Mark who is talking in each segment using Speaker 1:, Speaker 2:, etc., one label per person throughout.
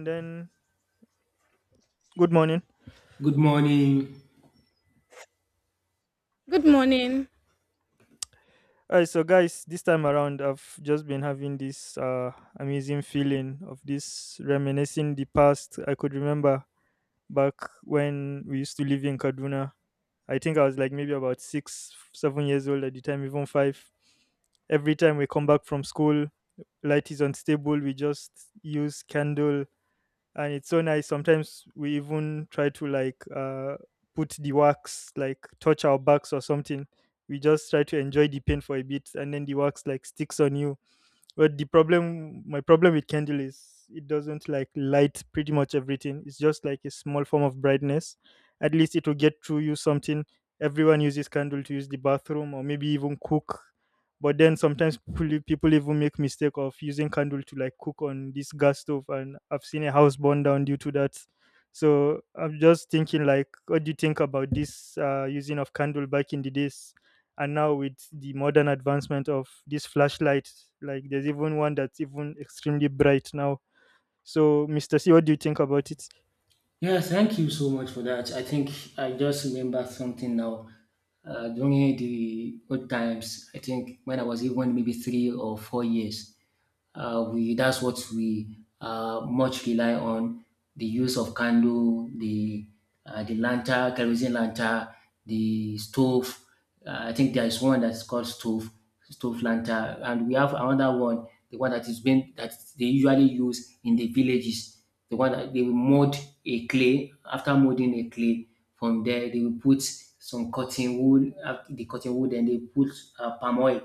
Speaker 1: And then good morning.
Speaker 2: Good morning.
Speaker 3: Good morning.
Speaker 1: All right, so guys, this time around, I've just been having this amazing feeling of this reminiscing the past. I could remember back when we used to live in Kaduna. I think I was like maybe about six, 7 years old at the time, even five. Every time we come back from school, light is unstable. We just use candle, and it's so nice. Sometimes we even try to like put the wax, like touch our backs or something. We just try to enjoy the pain for a bit, and then the wax like sticks on you. But the problem, my problem with candle is it doesn't like light pretty much everything. It's just like a small form of brightness. At least it will get through you something. Everyone uses candle to use the bathroom or maybe even cook. But then sometimes people even make mistake of using candle to like cook on this gas stove, and I've seen a house burn down due to that. So I'm just thinking, like, what do you think about this using of candle back in the days, and now with the modern advancement of these flashlights? Like there's even one that's even extremely bright now. So Mr. C, what do you think about it?
Speaker 2: Yeah, thank you so much for that. I think I just remembered something now. During the old times, I think when I was even maybe 3 or 4 years, we, that's what we much rely on: the use of candle, the lantern, kerosene lantern, the stove. I think there is one that's called stove, stove lantern, and we have another one, the one that is being that they usually use in the villages. The one that they will mold a clay, after molding a clay, from there, they will put some cotton wood, the cotton wood, and they put palm oil.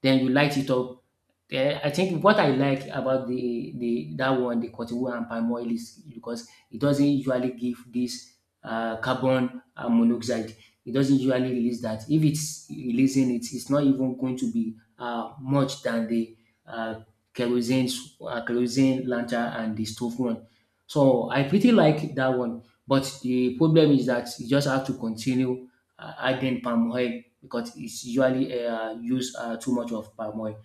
Speaker 2: Then you light it up. Yeah, I think what I like about the that one, the cottonwood and palm oil, is because it doesn't usually give this carbon monoxide. It doesn't usually release that. If it's releasing it, it's not even going to be much than the uh, kerosene kerosene lantern and the stove one. So I pretty like that one. But the problem is that you just have to continue adding palm oil because it's usually used too much of palm oil.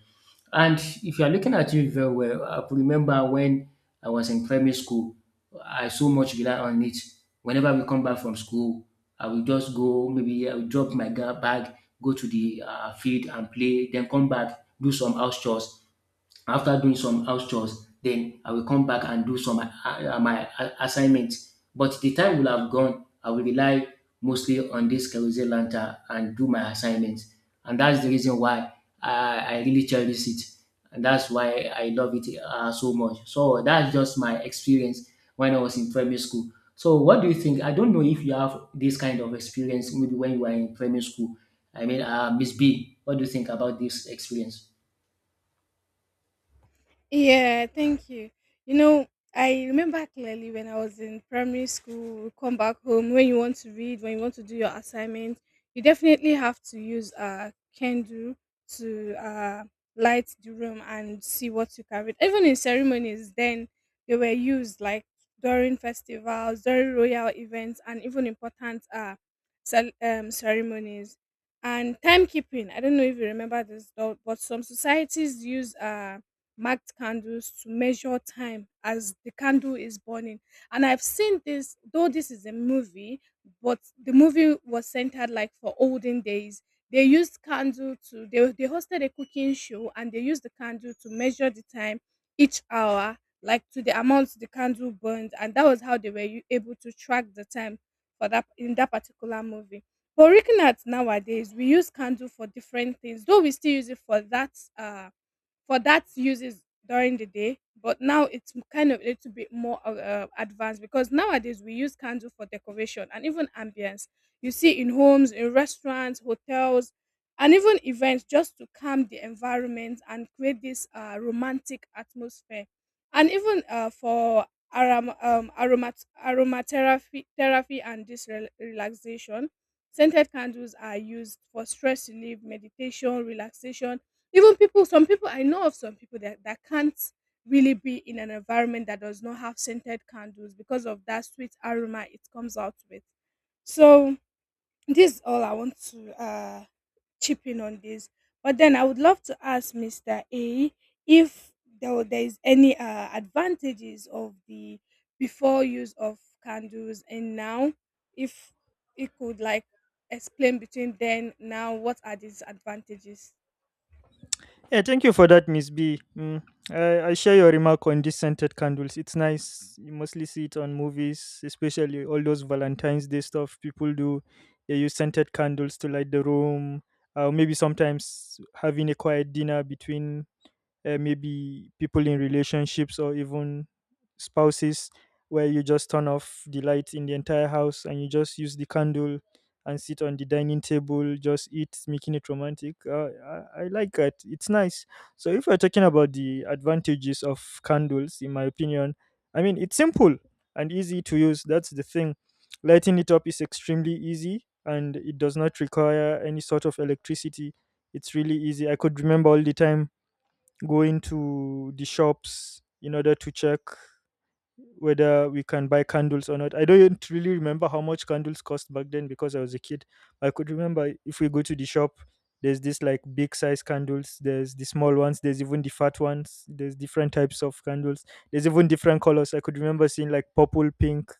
Speaker 2: And if you are looking at it very well, I could remember when I was in primary school, I so much rely on it. Whenever we come back from school, I will just go, maybe I will drop my bag, go to the field and play, then come back, do some house chores. After doing some house chores, then I will come back and do some my assignments. But the time will have gone. I will rely mostly on this Carousel Lanta and do my assignments. And that's the reason why I really cherish it. And that's why I love it so much. So that's just my experience when I was in primary school. So what do you think? I don't know if you have this kind of experience maybe when you were in primary school. I mean, Miss B, what do you think about this experience?
Speaker 3: Yeah, thank you. You know, I remember clearly when I was in primary school, we come back home, when you want to read, when you want to do your assignment, you definitely have to use a candle to light the room and see what you can read. Even in ceremonies, then they were used like during festivals, during royal events, and even important ceremonies. And timekeeping, I don't know if you remember this, though, but some societies use. Marked candles to measure time as the candle is burning. And I've seen this, though this is a movie, but the movie was centered like for olden days. They used candle to they hosted a cooking show and they used the candle to measure the time each hour, like to the amount the candle burned, and that was how they were able to track the time for that in that particular movie. But looking at nowadays, we use candle for different things, though we still use it uh for that uses during the day. But now it's kind of a little bit more advanced, because nowadays we use candle for decoration and even ambience. You see in homes, in restaurants, hotels, and even events, just to calm the environment and create this romantic atmosphere, and even for aromatherapy therapy and this relaxation. Scented candles are used for stress relief, meditation, relaxation. Even people some people I know of, some people that can't really be in an environment that does not have scented candles because of that sweet aroma it comes out with. So this is all I want to chip in on this. But then I would love to ask Mr. A if there is any advantages of the before use of candles and now, if he could like explain between then now what are these advantages.
Speaker 1: Yeah, thank you for that, Miss B. Mm, I share your remark on these scented candles. It's nice, you mostly see it on movies, especially all those Valentine's Day stuff people do. They use scented candles to light the room, maybe sometimes having a quiet dinner between, maybe people in relationships or even spouses, where you just turn off the lights in the entire house and you just use the candle and sit on the dining table, just eat, making it romantic. I like that, it's nice. So if we're talking about the advantages of candles, in my opinion, I mean, it's simple and easy to use, that's the thing. Lighting it up is extremely easy, and it does not require any sort of electricity. It's really easy. I could remember all the time going to the shops in order to check whether we can buy candles or not. I don't really remember how much candles cost back then because I was a kid. I could remember if we go to the shop, there's this like big size candles, there's the small ones, there's even the fat ones, there's different types of candles, there's even different colors. I could remember seeing like purple, pink,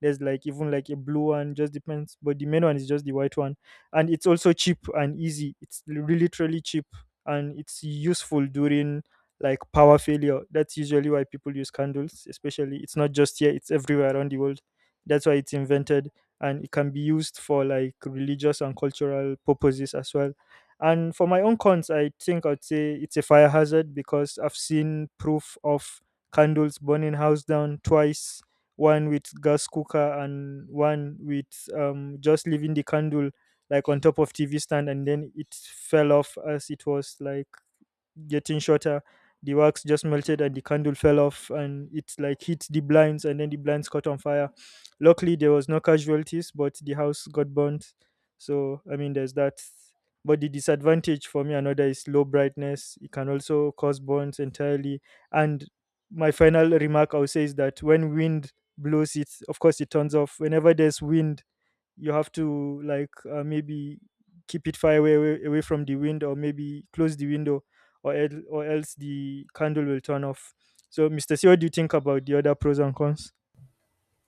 Speaker 1: there's like even like a blue one, just depends. But the main one is just the white one. And it's also cheap and easy. It's really, truly cheap, and it's useful during like power failure. That's usually why people use candles, especially. It's not just here, it's everywhere around the world. That's why it's invented, and it can be used for like religious and cultural purposes as well. And for my own cons, I think I'd say it's a fire hazard because I've seen proof of candles burning house down twice. One with gas cooker and one with just leaving the candle like on top of TV stand, and then it fell off as it was like getting shorter. The wax just melted and the candle fell off, and it like hit the blinds and then the blinds caught on fire. Luckily there was no casualties, but the house got burnt. So I mean there's that. But the disadvantage for me another is low brightness. It can also cause burns entirely. And my final remark I would say is that when wind blows it, of course it turns off. Whenever there's wind you have to like maybe keep it far away, away from the wind or maybe close the window, or else the candle will turn off. So Mr. C, what do you think about the other pros and cons?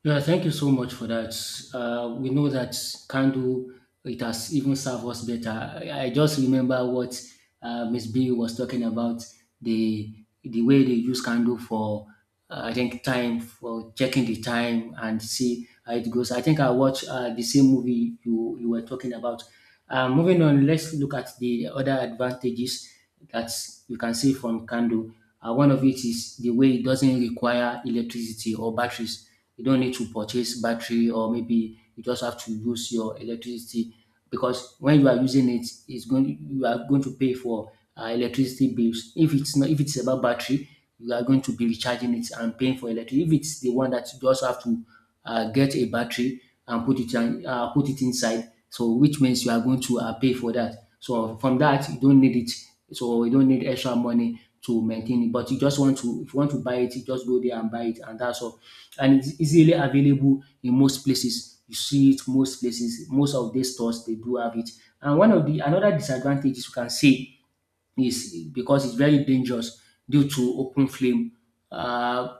Speaker 2: Yeah, thank you so much for that. We know that candle, it has even served us better. I just remember what Miss B was talking about, the way they use candle for, I think, time for checking the time and see how it goes. I think I watched the same movie you were talking about. Moving on, let's look at the other advantages that you can see from candle. One of it is the way it doesn't require electricity or batteries. You don't need to purchase battery, or maybe you just have to use your electricity, because when you are using it, it's going, you are going to pay for electricity bills. If it's not, if it's about battery, you are going to be recharging it and paying for electricity. If it's the one that you just have to get a battery and put it on, put it inside, so which means you are going to pay for that. So from that, you don't need it. So you don't need extra money to maintain it. But you just want to, if you want to buy it, you just go there and buy it, and that's all. And it's easily available in most places. You see it most places, most of these stores they do have it. And one of the another disadvantages you can say is because it's very dangerous due to open flame. Uh,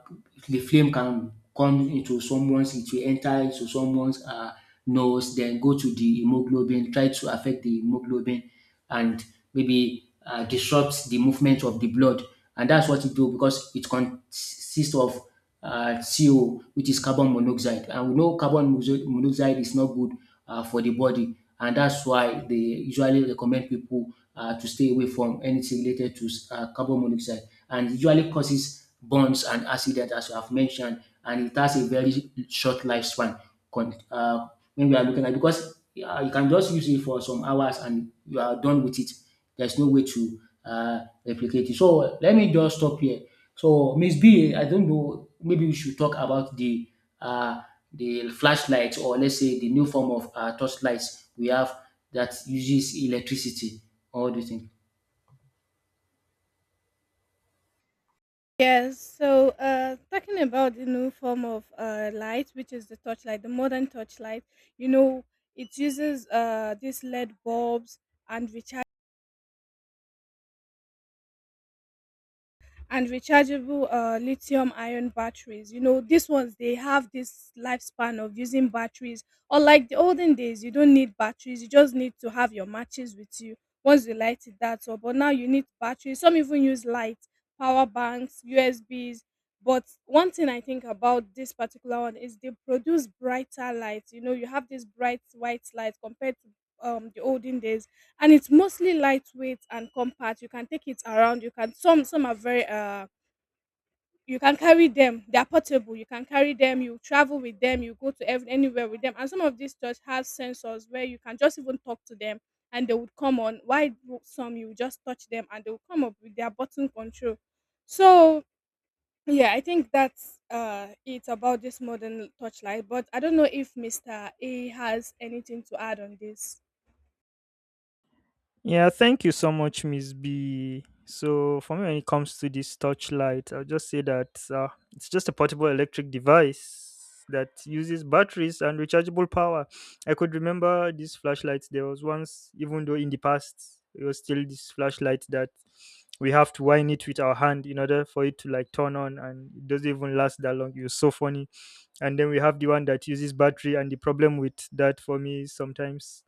Speaker 2: the flame can come into someone's, it will enter into someone's nose, then go to the hemoglobin, try to affect the hemoglobin, and maybe disrupt the movement of the blood. And that's what it do, because it consists of CO, which is carbon monoxide. And we know carbon monoxide is not good for the body. And that's why they usually recommend people to stay away from anything related to carbon monoxide. And usually causes burns and accident, as you have mentioned, and it has a very short lifespan. Con- Uh, when we are looking at, because you can just use it for some hours and you are done with it. There's no way to uh, replicate it. So let me just stop here. So Miss B, I don't know. Maybe we should talk about uh, the flashlight, or let's say the new form of torchlights we have that uses electricity. What do you think?
Speaker 3: Yes. So talking about the new form of light, which is the torchlight, the modern torchlight, you know, it uses these LED bulbs and rechargeable lithium ion batteries. You know, these ones they have this lifespan of using batteries. Unlike the olden days, you don't need batteries, you just need to have your matches with you once you light it. That's all, but now you need batteries. Some even use light, power banks, USBs. But one thing I think about this particular one is they produce brighter lights. You know, you have this bright white light compared to the olden days. And it's mostly lightweight and compact, you can take it around. You can, some are very you can carry them, they are portable, you can carry them, you travel with them, you go to anywhere with them. And some of these church have sensors where you can just even talk to them and they would come on. Why do some, you just touch them and they will come up with their button control. So yeah, I think that's it about this modern torchlight. But I don't know if Mr. A has anything to add on this.
Speaker 1: Yeah, thank you so much, Miss B. So, for me, when it comes to this touch light, I'll just say that it's just a portable electric device that uses batteries and rechargeable power. I could remember these flashlights. There was once, even though in the past, it was still this flashlight that we have to wind it with our hand in order for it to like turn on, and it doesn't even last that long. It was so funny. And then we have the one that uses battery, and the problem with that for me is sometimes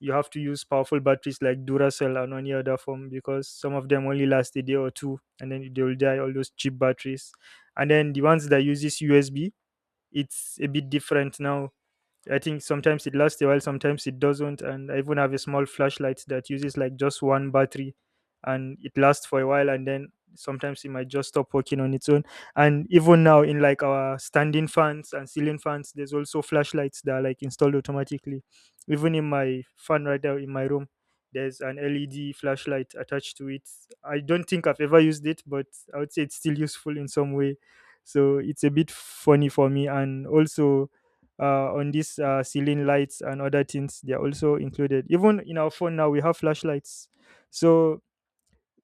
Speaker 1: you have to use powerful batteries like Duracell and any other form, because some of them only last a day or two and then they will die. All those cheap batteries, and then the ones that uses USB, it's a bit different now. I think sometimes it lasts a while, sometimes it doesn't. And I even have a small flashlight that uses like just one battery, and it lasts for a while, and then sometimes it might just stop working on its own. And even now in like our standing fans and ceiling fans, there's also flashlights that are like installed automatically. Even in my fan right now in my room, there's an LED flashlight attached to it. I don't think I've ever used it, but I would say it's still useful in some way. So it's a bit funny for me. And also on these ceiling lights and other things, they are also included. Even in our phone now, we have flashlights. So,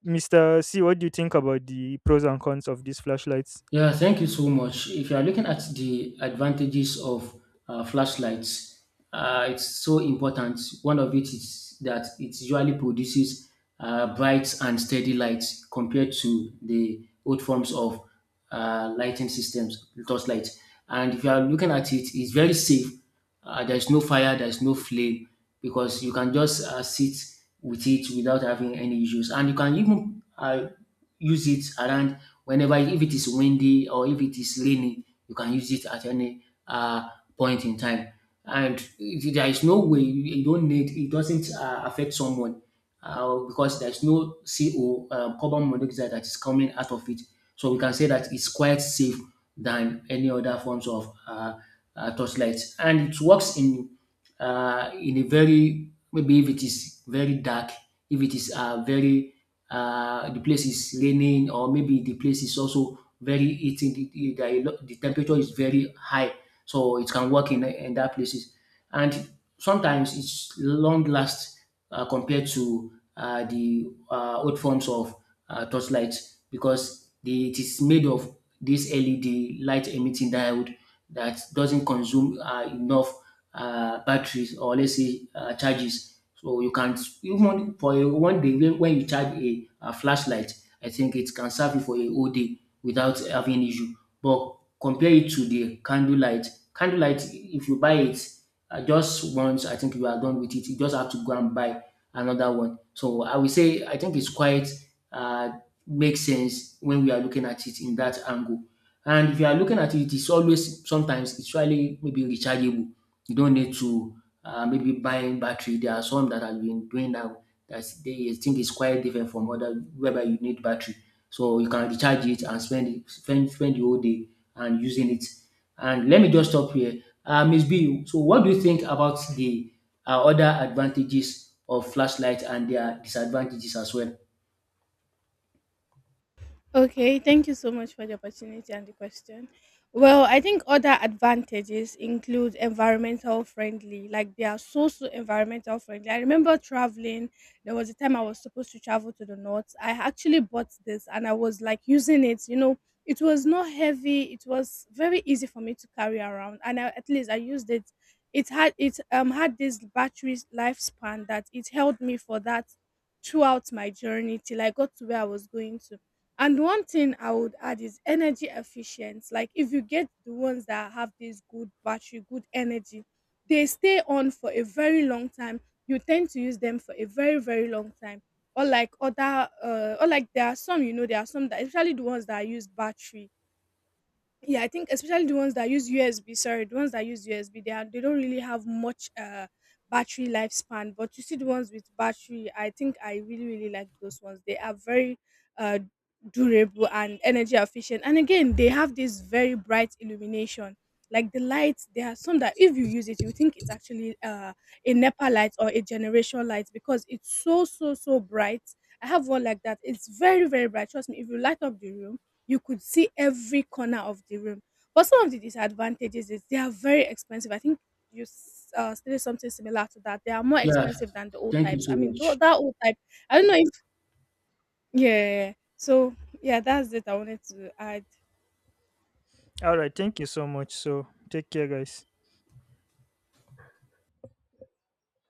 Speaker 1: Mr. C, what do you think about the pros and cons of these flashlights?
Speaker 2: Yeah, thank you so much. If you are looking at the advantages of flashlights, it's so important. One of it is that it usually produces bright and steady lights compared to the old forms of lighting systems, torchlight. And if you are looking at it, it's very safe. There's no fire, there's no flame, because you can just sit with it without having any issues. And you can even use it around whenever, if it is windy or if it is raining, you can use it at any uh, point in time. There is no way you don't need it, doesn't affect someone because there's no CO, carbon monoxide, that is coming out of it. So we can say that it's quite safe than any other forms of torchlight, and it works in a very, maybe if it is very dark, if it is very the place is raining, or maybe the place is also very heating, the temperature is very high, so it can work in that places, and sometimes it's long last compared to the old forms of torchlight, because it is made of this LED, light emitting diode, that doesn't consume enough batteries, or let's say charges. So you can, even for one day, when you charge a flashlight, I think it can serve you for a whole day without having issue. But compare it to the candlelight. Candlelight, if you buy it just once, I think you are done with it. You just have to go and buy another one. So I will say I think it's quite uh, makes sense when we are looking at it in that angle. And if you are looking at it, it's always sometimes it's really maybe rechargeable. You don't need to maybe buying battery. There are some that have been doing now that they think is quite different from other whereby you need battery. So you can recharge it and spend it, spend the whole day and using it. And let me just stop here. Ms. B, so what do you think about the other advantages of flashlight and their disadvantages as well?
Speaker 3: Okay, thank you so much for the opportunity and the question. Well, I think other advantages include environmental friendly, like they are so so environmental friendly. I remember traveling, there was a time I was supposed to travel to the north. I actually bought this and I was like using it, you know, it was not heavy, it was very easy for me to carry around, and I, at least I used it. It had this battery lifespan that it held me for that throughout my journey till I got to where I was going to. And one thing I would add is energy efficiency. Like if you get the ones that have this good battery, good energy, they stay on for a very long time. You tend to use them for a very, very long time. Or like there are some, you know, there are some that, especially the ones that use battery, yeah, I think especially the ones that use USB, sorry, the ones that use USB, they are, they don't really have much battery lifespan. But you see the ones with battery, I think I really really like those ones. They are very uh durable and energy efficient. And again, they have this very bright illumination, like the lights. There are some that if you use it, you think it's actually a nepa light or a generation light, because it's so so so bright. I have one like that, it's very very bright. Trust me, if you light up the room, you could see every corner of the room. But some of the disadvantages is they are very expensive. I think you stated something similar to that. They are more
Speaker 2: Yeah,
Speaker 3: expensive than the old
Speaker 2: thank you
Speaker 3: types. I
Speaker 2: so
Speaker 3: mean, though
Speaker 2: much.
Speaker 3: that old type, I don't know if yeah. Yeah, yeah. So yeah, that's it. I wanted to add.
Speaker 1: All right, thank you so much. So, take care, guys.